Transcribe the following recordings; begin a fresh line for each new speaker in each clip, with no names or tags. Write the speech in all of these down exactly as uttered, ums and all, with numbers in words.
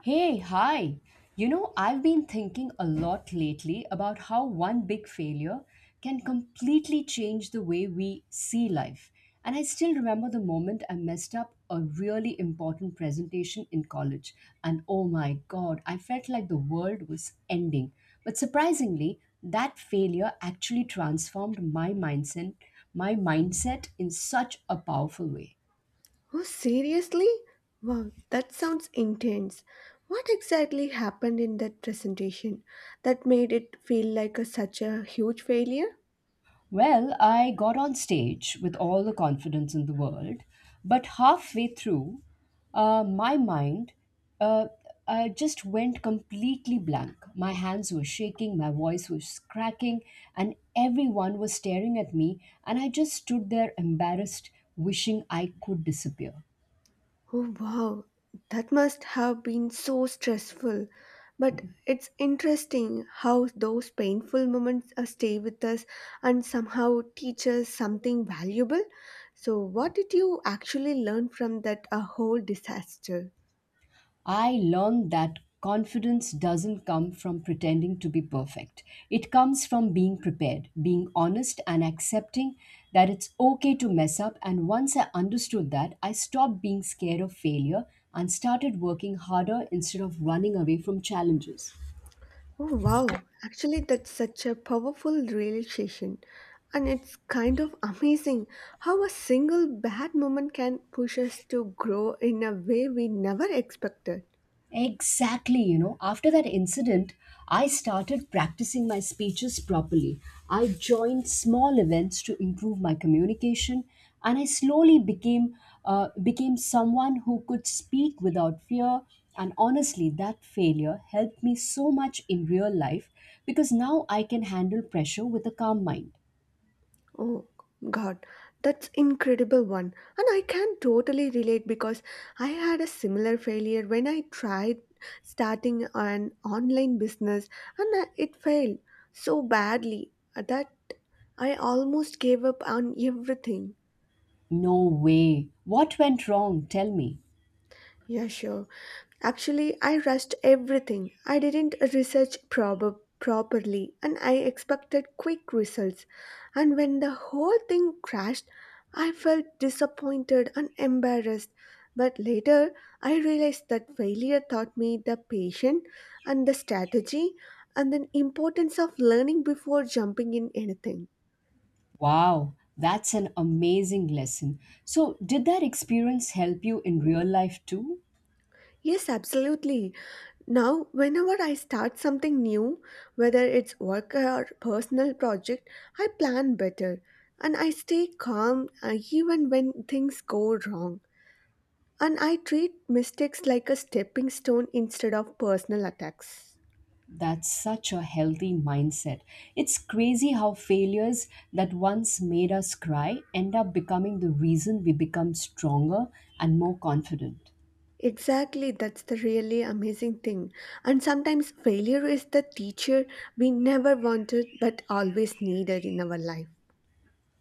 Hey, hi. You know, I've been thinking a lot lately about how one big failure can completely change the way we see life. And I still remember the moment I messed up a really important presentation in college. And oh my God, I felt like the world was ending. But surprisingly, that failure actually transformed my mindset, my mindset in such a powerful way.
Oh, seriously? Wow, that sounds intense. What exactly happened in that presentation that made it feel like a, such a huge failure?
Well, I got on stage with all the confidence in the world, but halfway through, uh, my mind uh, uh, just went completely blank. My hands were shaking, my voice was cracking, and everyone was staring at me, and I just stood there embarrassed, wishing I could disappear.
Oh, wow, that must have been so stressful. But it's interesting how those painful moments uh, stay with us and somehow teach us something valuable. So, what did you actually learn from that uh, whole disaster?
I learned that confidence doesn't come from pretending to be perfect. It comes from being prepared, being honest, and accepting that it's okay to mess up. And once I understood that, I stopped being scared of failure and started working harder instead of running away from challenges.
Oh wow, actually, that's such a powerful realization. And it's kind of amazing how a single bad moment can push us to grow in a way we never expected.
Exactly, you know, after that incident, I started practicing my speeches properly. I joined small events to improve my communication, and I slowly became, uh, became someone who could speak without fear. And honestly, that failure helped me so much in real life because now I can handle pressure with a calm mind.
Oh god, that's incredible one. And I can totally relate because I had a similar failure when I tried starting an online business and I- it failed so badly that I almost gave up on everything.
No way. What went wrong? Tell me.
Yeah, sure. Actually, I rushed everything. I didn't research prob- properly and I expected quick results. And when the whole thing crashed, I felt disappointed and embarrassed. But later, I realized that failure taught me the patience and the strategy and the importance of learning before jumping in anything.
Wow, that's an amazing lesson. So, did that experience help you in real life too?
Yes, absolutely. Now, whenever I start something new, whether it's work or personal project, I plan better and I stay calm uh, even when things go wrong. And I treat mistakes like a stepping stone instead of personal attacks.
That's such a healthy mindset. It's crazy how failures that once made us cry end up becoming the reason we become stronger and more confident.
Exactly, that's the really amazing thing. And sometimes failure is the teacher we never wanted but always needed in our life.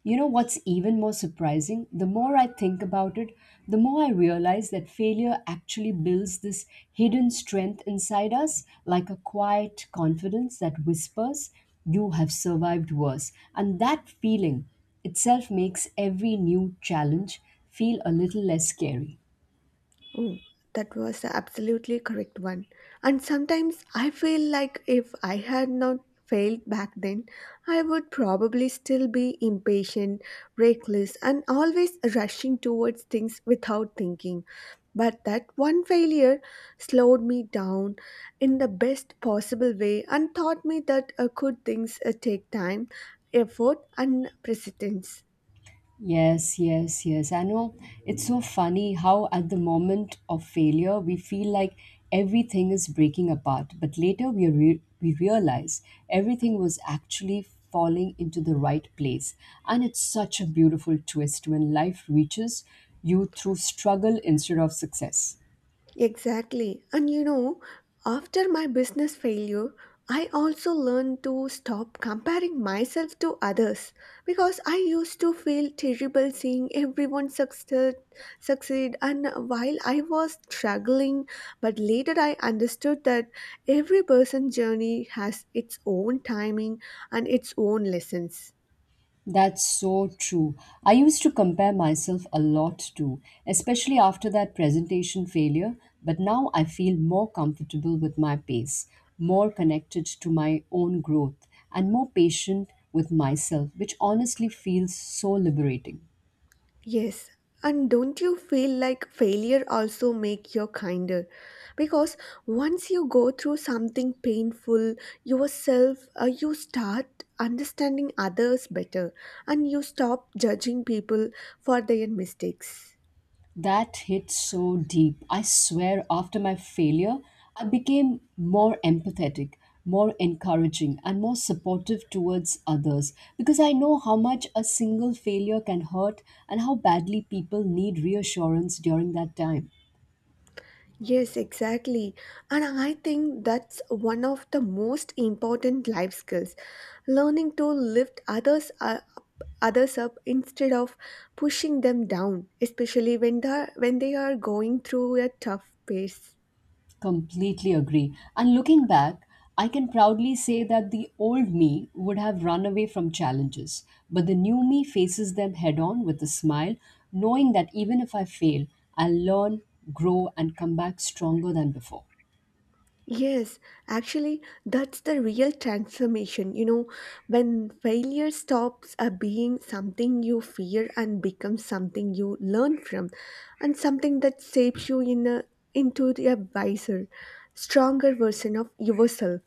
You know what's even more surprising? The more I think about it, the more I realize that failure actually builds this hidden strength inside us, like a quiet confidence that whispers, you have survived worse. And that feeling itself makes every new challenge feel a little less scary.
Oh, that was the absolutely correct one. And sometimes I feel like if I had not failed back then, I would probably still be impatient, reckless, and always rushing towards things without thinking. But that one failure slowed me down in the best possible way and taught me that uh, good things uh, take time, effort, and persistence.
Yes, yes, yes. I know it's so funny how at the moment of failure we feel like everything is breaking apart, but later we re- we realize everything was actually falling into the right place. And it's such a beautiful twist when life reaches you through struggle instead of success.
Exactly. And you know, after my business failure, I also learned to stop comparing myself to others because I used to feel terrible seeing everyone succeed, succeed and while I was struggling, but later I understood that every person's journey has its own timing and its own lessons.
That's so true. I used to compare myself a lot too, especially after that presentation failure, but now I feel more comfortable with my pace, more connected to my own growth, and more patient with myself, which honestly feels so liberating.
Yes, and don't you feel like failure also make you kinder? Because once you go through something painful yourself, uh, you start understanding others better and you stop judging people for their mistakes.
That hit so deep. I swear, after my failure, I became more empathetic, more encouraging, and more supportive towards others because I know how much a single failure can hurt and how badly people need reassurance during that time.
Yes, exactly. And I think that's one of the most important life skills. Learning to lift others up, others up instead of pushing them down, especially when they when they are going through a tough phase.
Completely agree. And looking back, I can proudly say that the old me would have run away from challenges, but the new me faces them head on with a smile, knowing that even if I fail, I'll learn, grow, and come back stronger than before.
Yes, actually, that's the real transformation. You know, when failure stops uh, being something you fear and becomes something you learn from, and something that shapes you in a, into a wiser, stronger version of yourself.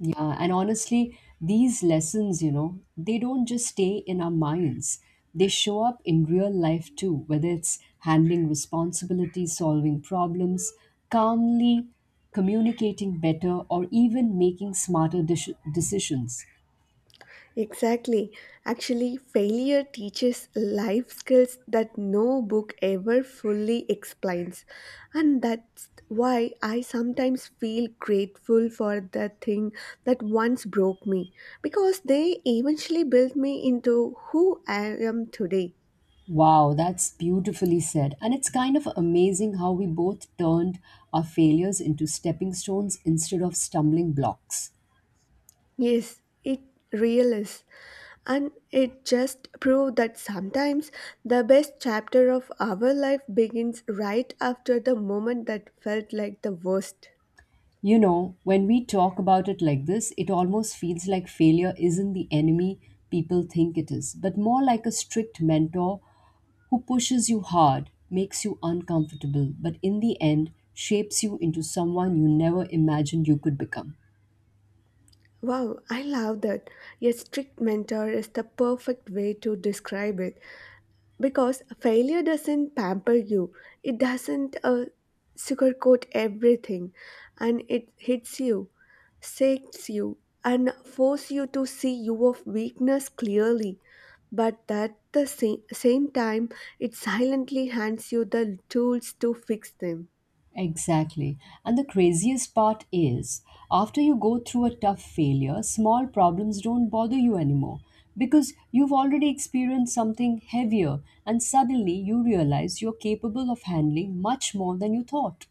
Yeah, and honestly, these lessons, you know, they don't just stay in our minds. They show up in real life too, whether it's handling responsibilities, solving problems calmly, communicating better, or even making smarter dis- decisions.
Exactly. Actually, failure teaches life skills that no book ever fully explains. And that's why I sometimes feel grateful for the thing that once broke me, because they eventually built me into who I am today.
Wow, that's beautifully said. And it's kind of amazing how we both turned our failures into stepping stones instead of stumbling blocks.
Yes, it real is. And it just proved that sometimes the best chapter of our life begins right after the moment that felt like the worst.
You know, when we talk about it like this, it almost feels like failure isn't the enemy people think it is, but more like a strict mentor who pushes you hard, makes you uncomfortable, but in the end shapes you into someone you never imagined you could become.
Wow, I love that. A strict mentor is the perfect way to describe it because failure doesn't pamper you, it doesn't uh, sugarcoat everything, and it hits you, shakes you, and force you to see your weakness clearly. But at the same, same time, it silently hands you the tools to fix them.
Exactly. And the craziest part is, after you go through a tough failure, small problems don't bother you anymore because you've already experienced something heavier and suddenly you realize you're capable of handling much more than you thought.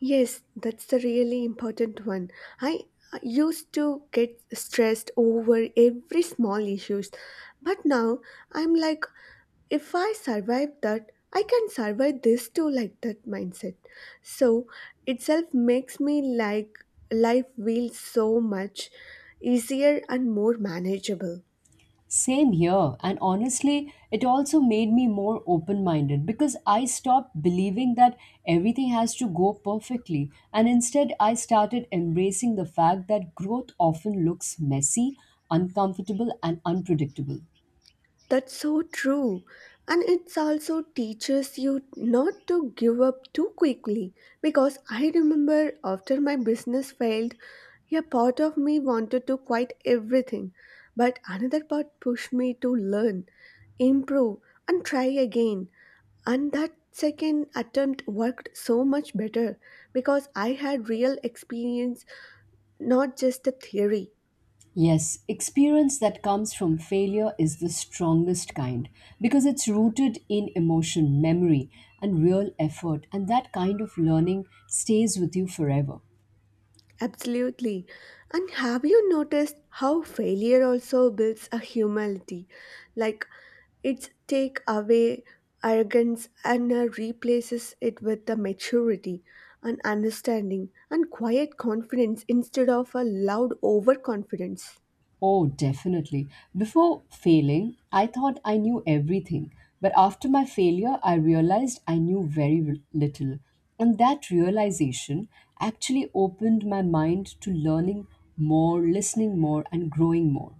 Yes, that's the really important one. I I used to get stressed over every small issues, but now I'm like, if I survive that, I can survive this too, like that mindset. So itself makes me like life feels so much easier and more manageable.
Same here. And honestly, it also made me more open minded because I stopped believing that everything has to go perfectly. And instead, I started embracing the fact that growth often looks messy, uncomfortable, and unpredictable.
That's so true. And it also teaches you not to give up too quickly because I remember after my business failed, a part of me wanted to quit everything, but another part pushed me to learn, improve, and try again. And that second attempt worked so much better because I had real experience, not just the theory.
Yes, experience that comes from failure is the strongest kind because it's rooted in emotion, memory, and real effort, and that kind of learning stays with you forever.
Absolutely. And have you noticed how failure also builds a humility? Like it's take away arrogance and uh, replaces it with the maturity and understanding and quiet confidence instead of a loud overconfidence.
Oh, definitely. Before failing, I thought I knew everything. But after my failure, I realized I knew very r- little. And that realization actually opened my mind to learning more, listening more, and growing more.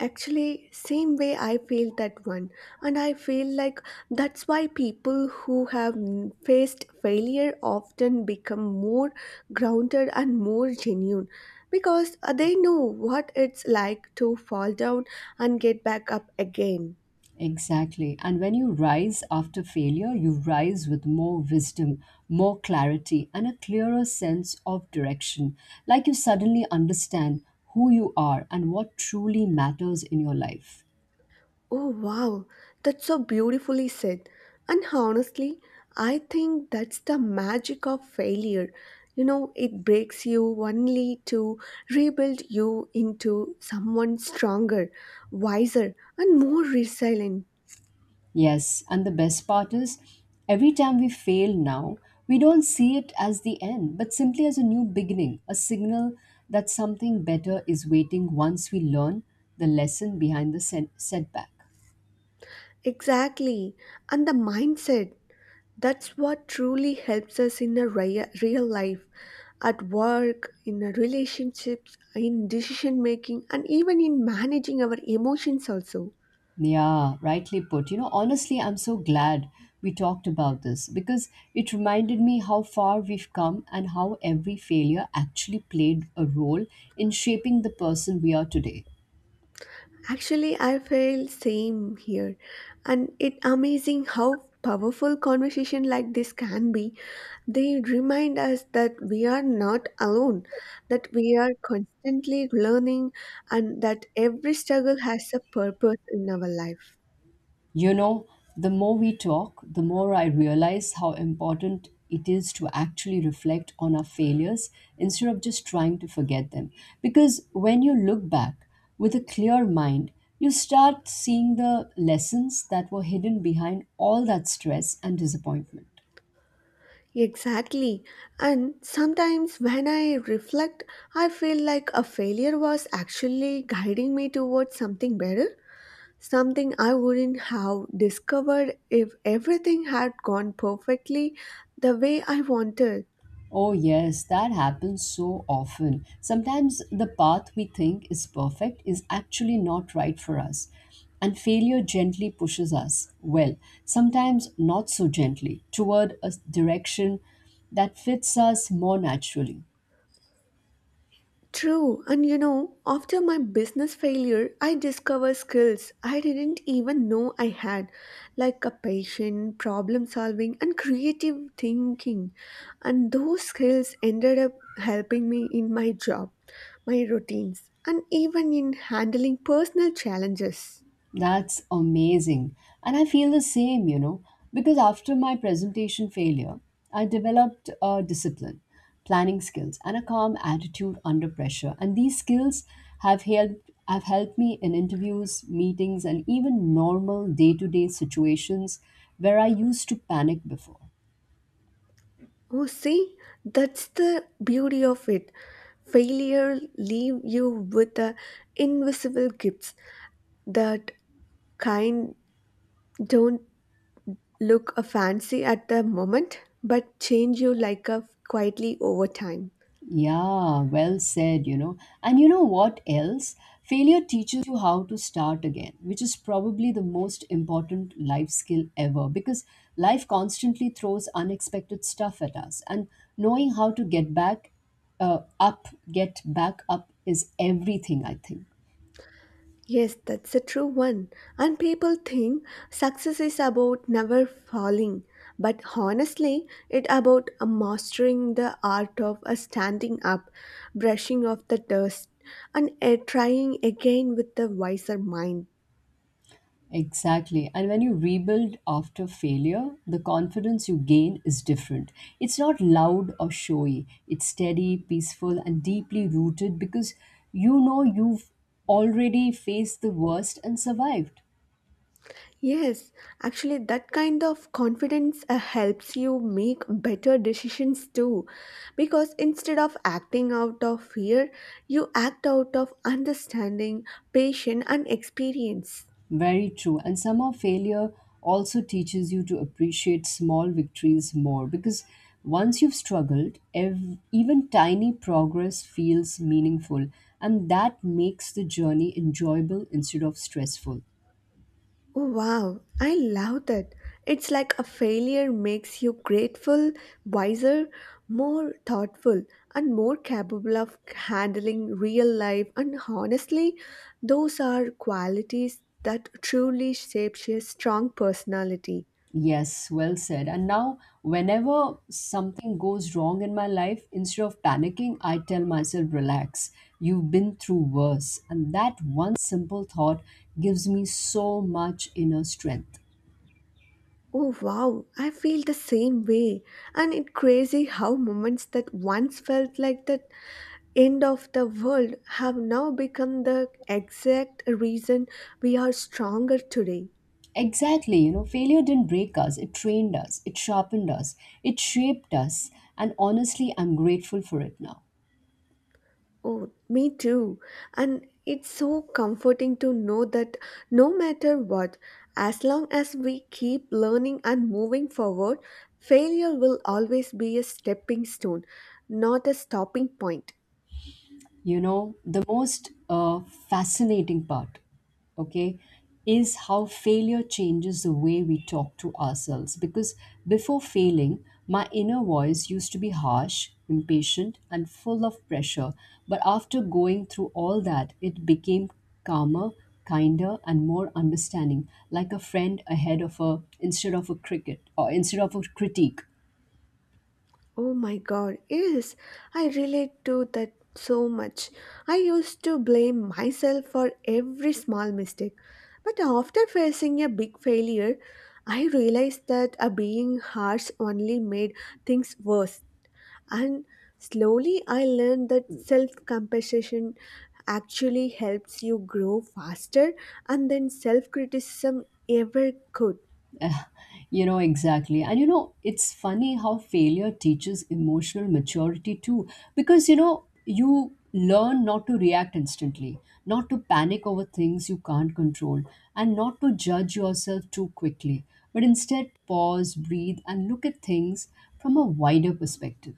Actually, same way I feel that one. And I feel like that's why people who have n- faced failure often become more grounded and more genuine because uh, they know what it's like to fall down and get back up again.
Exactly. And when you rise after failure, you rise with more wisdom, more clarity, and a clearer sense of direction. Like you suddenly understand who you are and what truly matters in your life.
Oh, wow, that's so beautifully said. And honestly, I think that's the magic of failure. You know, it breaks you only to rebuild you into someone stronger, wiser, and more resilient.
Yes, and the best part is every time we fail now, we don't see it as the end, but simply as a new beginning, a signal that something better is waiting once we learn the lesson behind the set- setback.
Exactly. And the mindset that's what truly helps us in a rea- real life, at work, in our relationships, in decision making, and even in managing our emotions also.
Yeah, rightly put. You know, honestly, I'm so glad we talked about this because it reminded me how far we've come and how every failure actually played a role in shaping the person we are today.
Actually, I feel same here, and it amazing how powerful conversation like this can be. They remind us that we are not alone, that we are constantly learning, and that every struggle has a purpose in our life.
You know, the more we talk, the more I realize how important it is to actually reflect on our failures instead of just trying to forget them. Because when you look back with a clear mind, you start seeing the lessons that were hidden behind all that stress and disappointment.
Exactly. And sometimes when I reflect, I feel like a failure was actually guiding me towards something better. Something I wouldn't have discovered if everything had gone perfectly the way I wanted.
Oh, yes, that happens so often. Sometimes the path we think is perfect is actually not right for us, and failure gently pushes us, well, sometimes not so gently, toward a direction that fits us more naturally.
True, and you know, after my business failure, I discovered skills I didn't even know I had, like a patient, problem solving, and creative thinking. And those skills ended up helping me in my job, my routines, and even in handling personal challenges.
That's amazing. And I feel the same, you know, because after my presentation failure, I developed a discipline, planning skills, and a calm attitude under pressure. And these skills have helped have helped me in interviews, meetings, and even normal day-to-day situations where I used to panic before.
Oh, see, that's the beauty of it. Failure leave you with the invisible gifts that kind don't look a fancy at the moment, but change you like a quietly over time.
Yeah, well said, you know. And you know what else? Failure teaches you how to start again, which is probably the most important life skill ever because life constantly throws unexpected stuff at us. And knowing how to get back uh, up, get back up is everything, I think.
Yes, that's a true one. And people think success is about never falling, but honestly, it about mastering the art of uh, standing up, brushing off the dust, and uh, trying again with a wiser mind.
Exactly. And when you rebuild after failure, the confidence you gain is different. It's not loud or showy, it's steady, peaceful, and deeply rooted because you know you've already faced the worst and survived.
Yes, actually, that kind of confidence uh, helps you make better decisions too, because instead of acting out of fear, you act out of understanding, patience, and experience.
Very true. And somehow failure also teaches you to appreciate small victories more because once you've struggled, ev- even tiny progress feels meaningful, and that makes the journey enjoyable instead of stressful.
Oh, wow, I love that. It's like a failure makes you grateful, wiser, more thoughtful, and more capable of handling real life. And honestly, those are qualities that truly shapes your strong personality.
Yes, well said. And now, whenever something goes wrong in my life, instead of panicking, I tell myself, relax, you've been through worse. And that one simple thought gives me so much inner strength.
Oh wow, I feel the same way. And it crazy how moments that once felt like the end of the world have now become the exact reason we are stronger today.
Exactly, you know, failure didn't break us, it trained us, it sharpened us, it shaped us. And honestly, I'm grateful for it now.
Oh, me too. And it's so comforting to know that no matter what, as long as we keep learning and moving forward, failure will always be a stepping stone, not a stopping point.
You know, the most uh, fascinating part, okay, is how failure changes the way we talk to ourselves, because before failing my inner voice used to be harsh, impatient, and full of pressure, but after going through all that it became calmer, kinder, and more understanding, like a friend ahead of a, instead of a cricket, or instead of a critique.
Oh my god, yes, I relate to that so much. I used to blame myself for every small mistake. But after facing a big failure, I realized that uh, being harsh only made things worse. And slowly I learned that self compassion actually helps you grow faster and then self criticism ever could.
You know, exactly. And you know, it's funny how failure teaches emotional maturity too, because you know, you learn not to react instantly, not to panic over things you can't control, and not to judge yourself too quickly, but instead pause, breathe, and look at things from a wider perspective.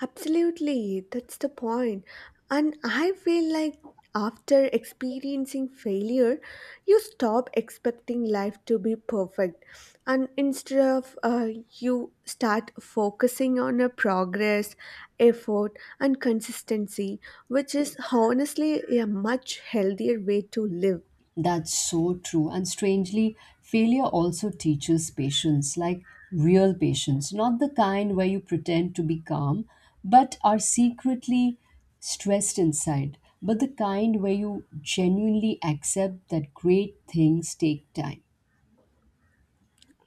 Absolutely, that's the point. And I feel like after experiencing failure, you stop expecting life to be perfect. And instead of uh, you start focusing on a progress, effort, and consistency, which is honestly a much healthier way to live.
That's so true. And strangely, failure also teaches patience, like real patience, not the kind where you pretend to be calm, but are secretly stressed inside, but the kind where you genuinely accept that great things take time.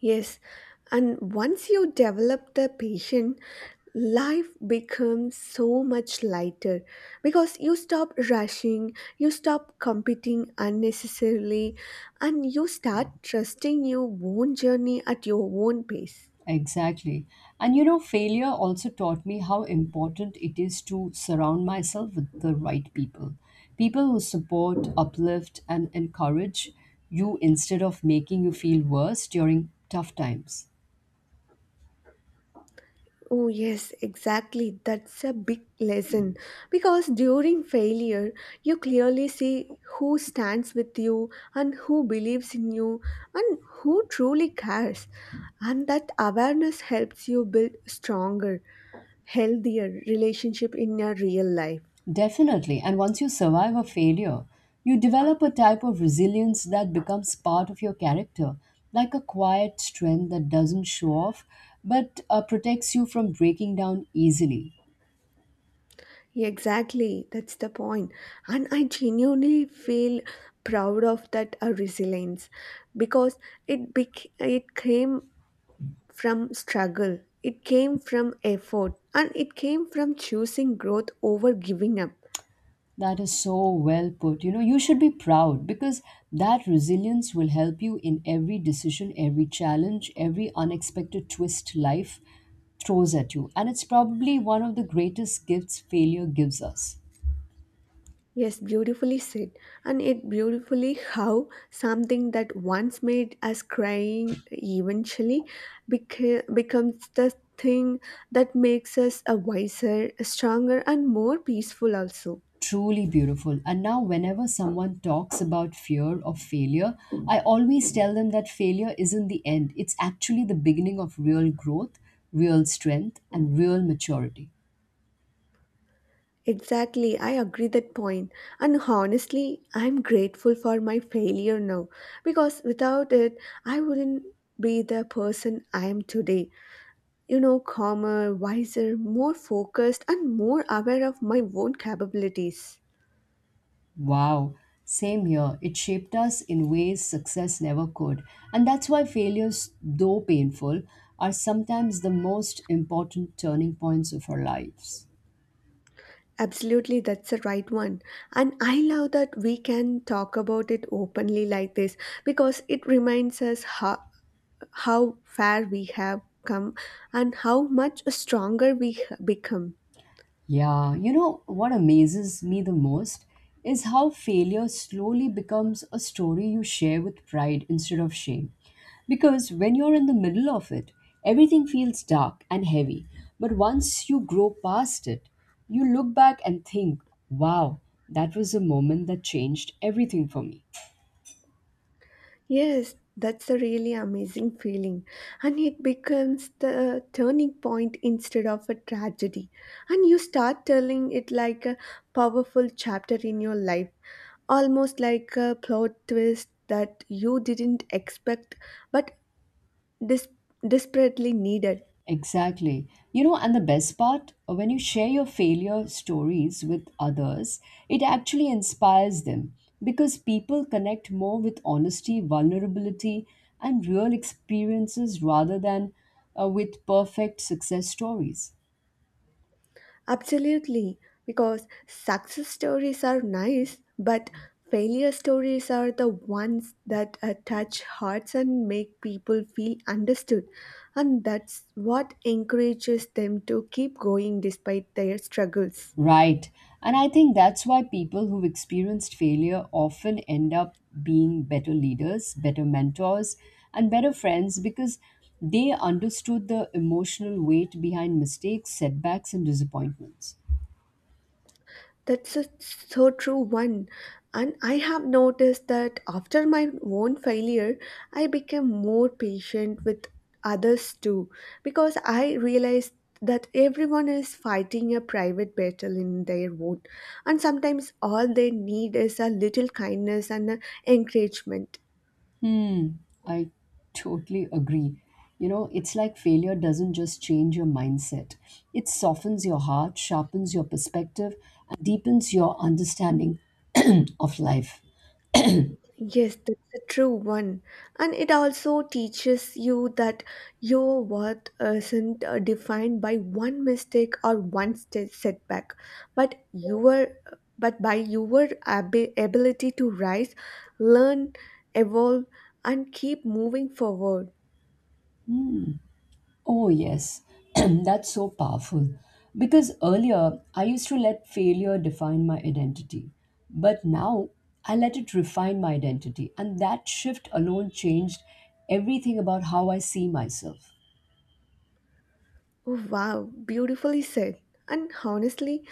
Yes, and once you develop the patience, life becomes so much lighter because you stop rushing, you stop competing unnecessarily, and you start trusting your own journey at your own pace.
Exactly. And you know, failure also taught me how important it is to surround myself with the right people. People who support, uplift, and encourage you instead of making you feel worse during tough times.
Oh, yes, exactly. That's a big lesson because during failure, you clearly see who stands with you and who believes in you and who truly cares. And that awareness helps you build stronger, healthier relationship in your real life.
Definitely. And once you survive a failure, you develop a type of resilience that becomes part of your character, like a quiet strength that doesn't show off but uh, protects you from breaking down easily.
Exactly, that's the point. And I genuinely feel proud of that uh, resilience because it bec- it came from struggle, it came from effort, and it came from choosing growth over giving up.
That is so well put. You know, you should be proud because that resilience will help you in every decision, every challenge, every unexpected twist life throws at you. And it's probably one of the greatest gifts failure gives us.
Yes, beautifully said. And it beautifully how something that once made us crying eventually beca- becomes the thing that makes us a wiser, stronger, and more peaceful also.
Truly beautiful. And now, whenever someone talks about fear of failure, I always tell them that failure isn't the end, it's actually the beginning of real growth, real strength, and real maturity.
Exactly, I agree that point. And honestly, I'm grateful for my failure now because without it, I wouldn't be the person I am today. You know, calmer, wiser, more focused, and more aware of my own capabilities.
Wow, same here. It shaped us in ways success never could. And that's why failures, though painful, are sometimes the most important turning points of our lives.
Absolutely, that's the right one. And I love that we can talk about it openly like this because it reminds us how, how far we have come and how much stronger we h- become.
Yeah, you know what amazes me the most is how failure slowly becomes a story you share with pride instead of shame. Because when you're in the middle of it, everything feels dark and heavy. But once you grow past it, you look back and think, wow, that was a moment that changed everything for me.
Yes, that's a really amazing feeling. And it becomes the turning point instead of a tragedy. And you start telling it like a powerful chapter in your life, almost like a plot twist that you didn't expect but dis- desperately needed.
Exactly. You know, and the best part, uh, when you share your failure stories with others, it actually inspires them because people connect more with honesty, vulnerability, and real experiences rather than uh, with perfect success stories.
Absolutely, because success stories are nice, but failure stories are the ones that uh, touch hearts and make people feel understood. And that's what encourages them to keep going despite their struggles.
Right. And I think that's why people who've experienced failure often end up being better leaders, better mentors, and better friends because they understood the emotional weight behind mistakes, setbacks, and disappointments.
That's a so true one. And I have noticed that after my own failure, I became more patient with others too, because I realized that everyone is fighting a private battle in their own, and sometimes all they need is a little kindness and a encouragement.
Hmm, I totally agree. You know, it's like failure doesn't just change your mindset, it softens your heart, sharpens your perspective, and deepens your understanding of life.
Yes, that's a true one. And it also teaches you that your worth uh, isn't uh, defined by one mistake or one st- setback, but your but by your ab- ability to rise, learn, evolve, and keep moving forward.
Oh, yes, that's so powerful. Because earlier, I used to let failure define my identity. But now, I let it refine my identity. And that shift alone changed everything about how I see myself.
Oh, wow, beautifully said. And honestly,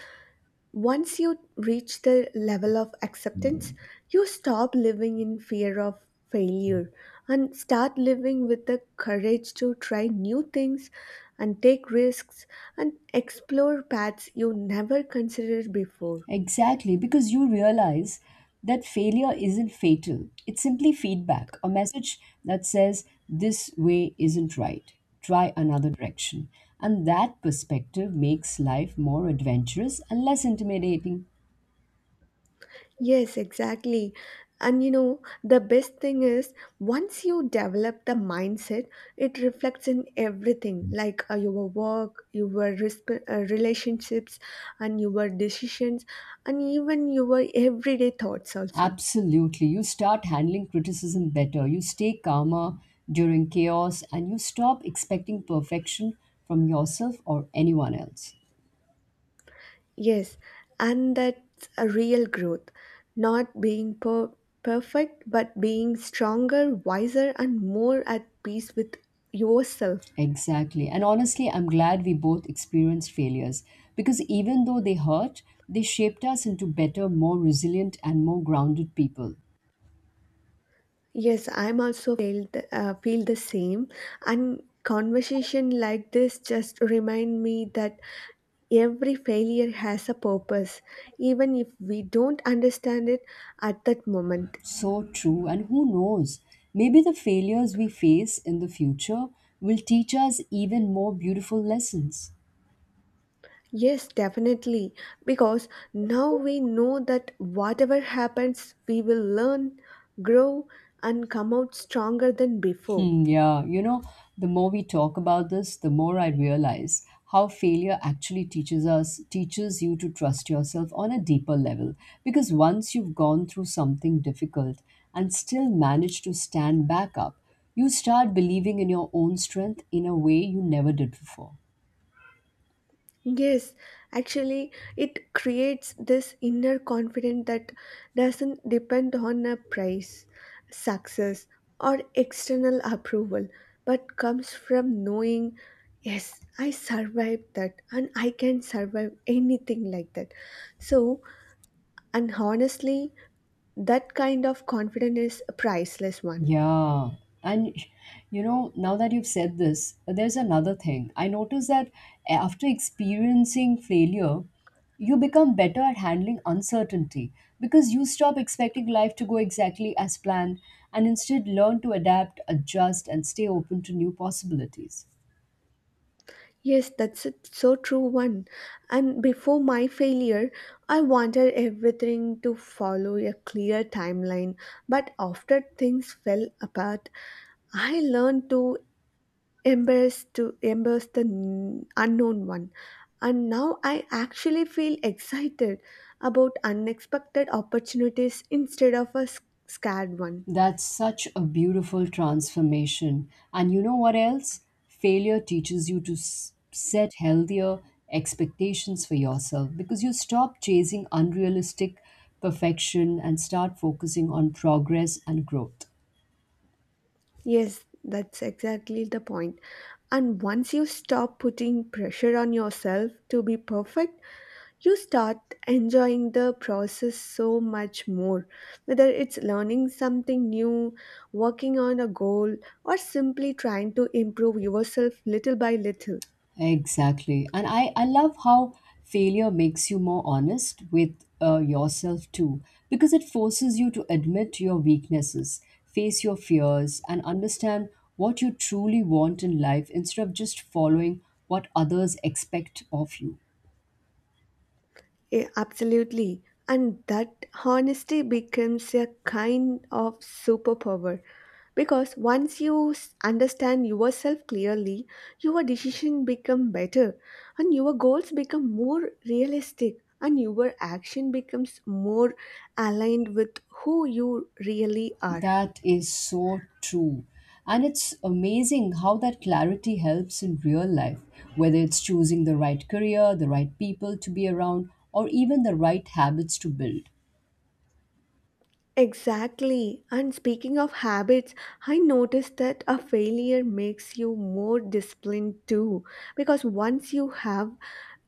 once you reach the level of acceptance, you stop living in fear of failure and start living with the courage to try new things and take risks and explore paths you never considered before.
Exactly, because you realize that failure isn't fatal, it's simply feedback, a message that says, this way isn't right. Try another direction. And that perspective makes life more adventurous and less intimidating.
Yes, exactly. And you know, the best thing is once you develop the mindset, it reflects in everything like uh, your work, your resp- uh, relationships, and your decisions, and even your everyday thoughts also.
Absolutely. You start handling criticism better, you stay calmer during chaos, and you stop expecting perfection from yourself or anyone else.
Yes, and that's a real growth. Not being per- perfect, but being stronger, wiser, and more at peace with yourself.
Exactly. And honestly, I'm glad we both experienced failures because even though they hurt, they shaped us into better, more resilient, and more grounded people.
Yes, I'm also felt uh, feel the same. And conversation like this just remind me that every failure has a purpose, even if we don't understand it at that moment.
So true. And who knows? Maybe the failures we face in the future will teach us even more beautiful lessons.
Yes, definitely. Because now we know that whatever happens, we will learn, grow, and come out stronger than before.
Hmm, yeah, you know, the more we talk about this, the more I realize how failure actually teaches us, teaches you to trust yourself on a deeper level. Because once you've gone through something difficult and still manage to stand back up, you start believing in your own strength in a way you never did before.
Yes, actually, it creates this inner confidence that doesn't depend on a price, success, or external approval, but comes from knowing, yes, I survived that and I can survive anything like that. So, and honestly, that kind of confidence is a priceless one.
Yeah. And you know, now that you've said this, there's another thing. I noticed that after experiencing failure, you become better at handling uncertainty because you stop expecting life to go exactly as planned and instead learn to adapt, adjust, and stay open to new possibilities.
Yes, that's a so true one. And before my failure, I wanted everything to follow a clear timeline. But after things fell apart, I learned to embrace to embrace the n- unknown one. And now I actually feel excited about unexpected opportunities instead of a s- scared one.
That's such a beautiful transformation. And you know what else? Failure teaches you to s- set healthier expectations for yourself because you stop chasing unrealistic perfection and start focusing on progress and growth.
Yes, that's exactly the point. And once you stop putting pressure on yourself to be perfect, you start enjoying the process so much more. Whether it's learning something new, working on a goal, or simply trying to improve yourself little by little.
Exactly. And I, I love how failure makes you more honest with uh, yourself too, because it forces you to admit your weaknesses, face your fears, and understand what you truly want in life instead of just following what others expect of you.
Yeah, absolutely. And that honesty becomes a kind of superpower because once you s- understand yourself clearly, your decision become better and your goals become more realistic and your action becomes more aligned with who you really are.
That is so true. And it's amazing how that clarity helps in real life, whether it's choosing the right career, the right people to be around, or even the right habits to build.
Exactly. And speaking of habits, I noticed that a failure makes you more disciplined too. Because once you have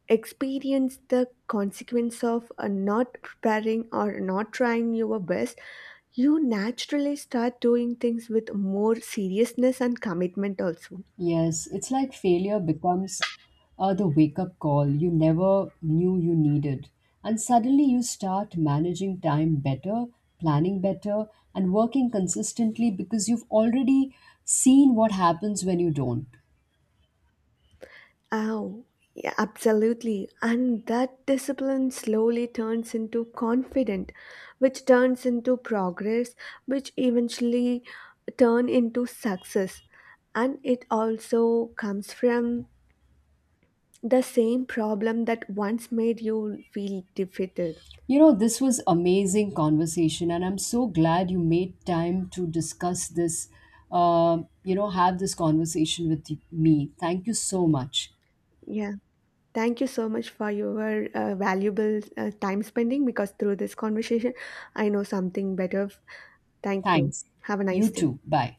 experienced the consequence of uh, not preparing or not trying your best, you naturally start doing things with more seriousness and commitment also.
Yes, it's like failure becomes uh, the wake up call you never knew you needed. And suddenly you start managing time better, planning better, and working consistently because you've already seen what happens when you don't.
Oh, yeah, absolutely. And that discipline slowly turns into confidence, which turns into progress, which eventually turn into success. And it also comes from the same problem that once made you feel defeated.
You know, this was amazing conversation, and I'm so glad you made time to discuss this, uh, you know, have this conversation with me. Thank you so much.
Yeah. Thank you so much for your uh, valuable uh, time spending because through this conversation, I know something better. Thank you.
Thanks.
Have a
You
nice day.
too. Bye.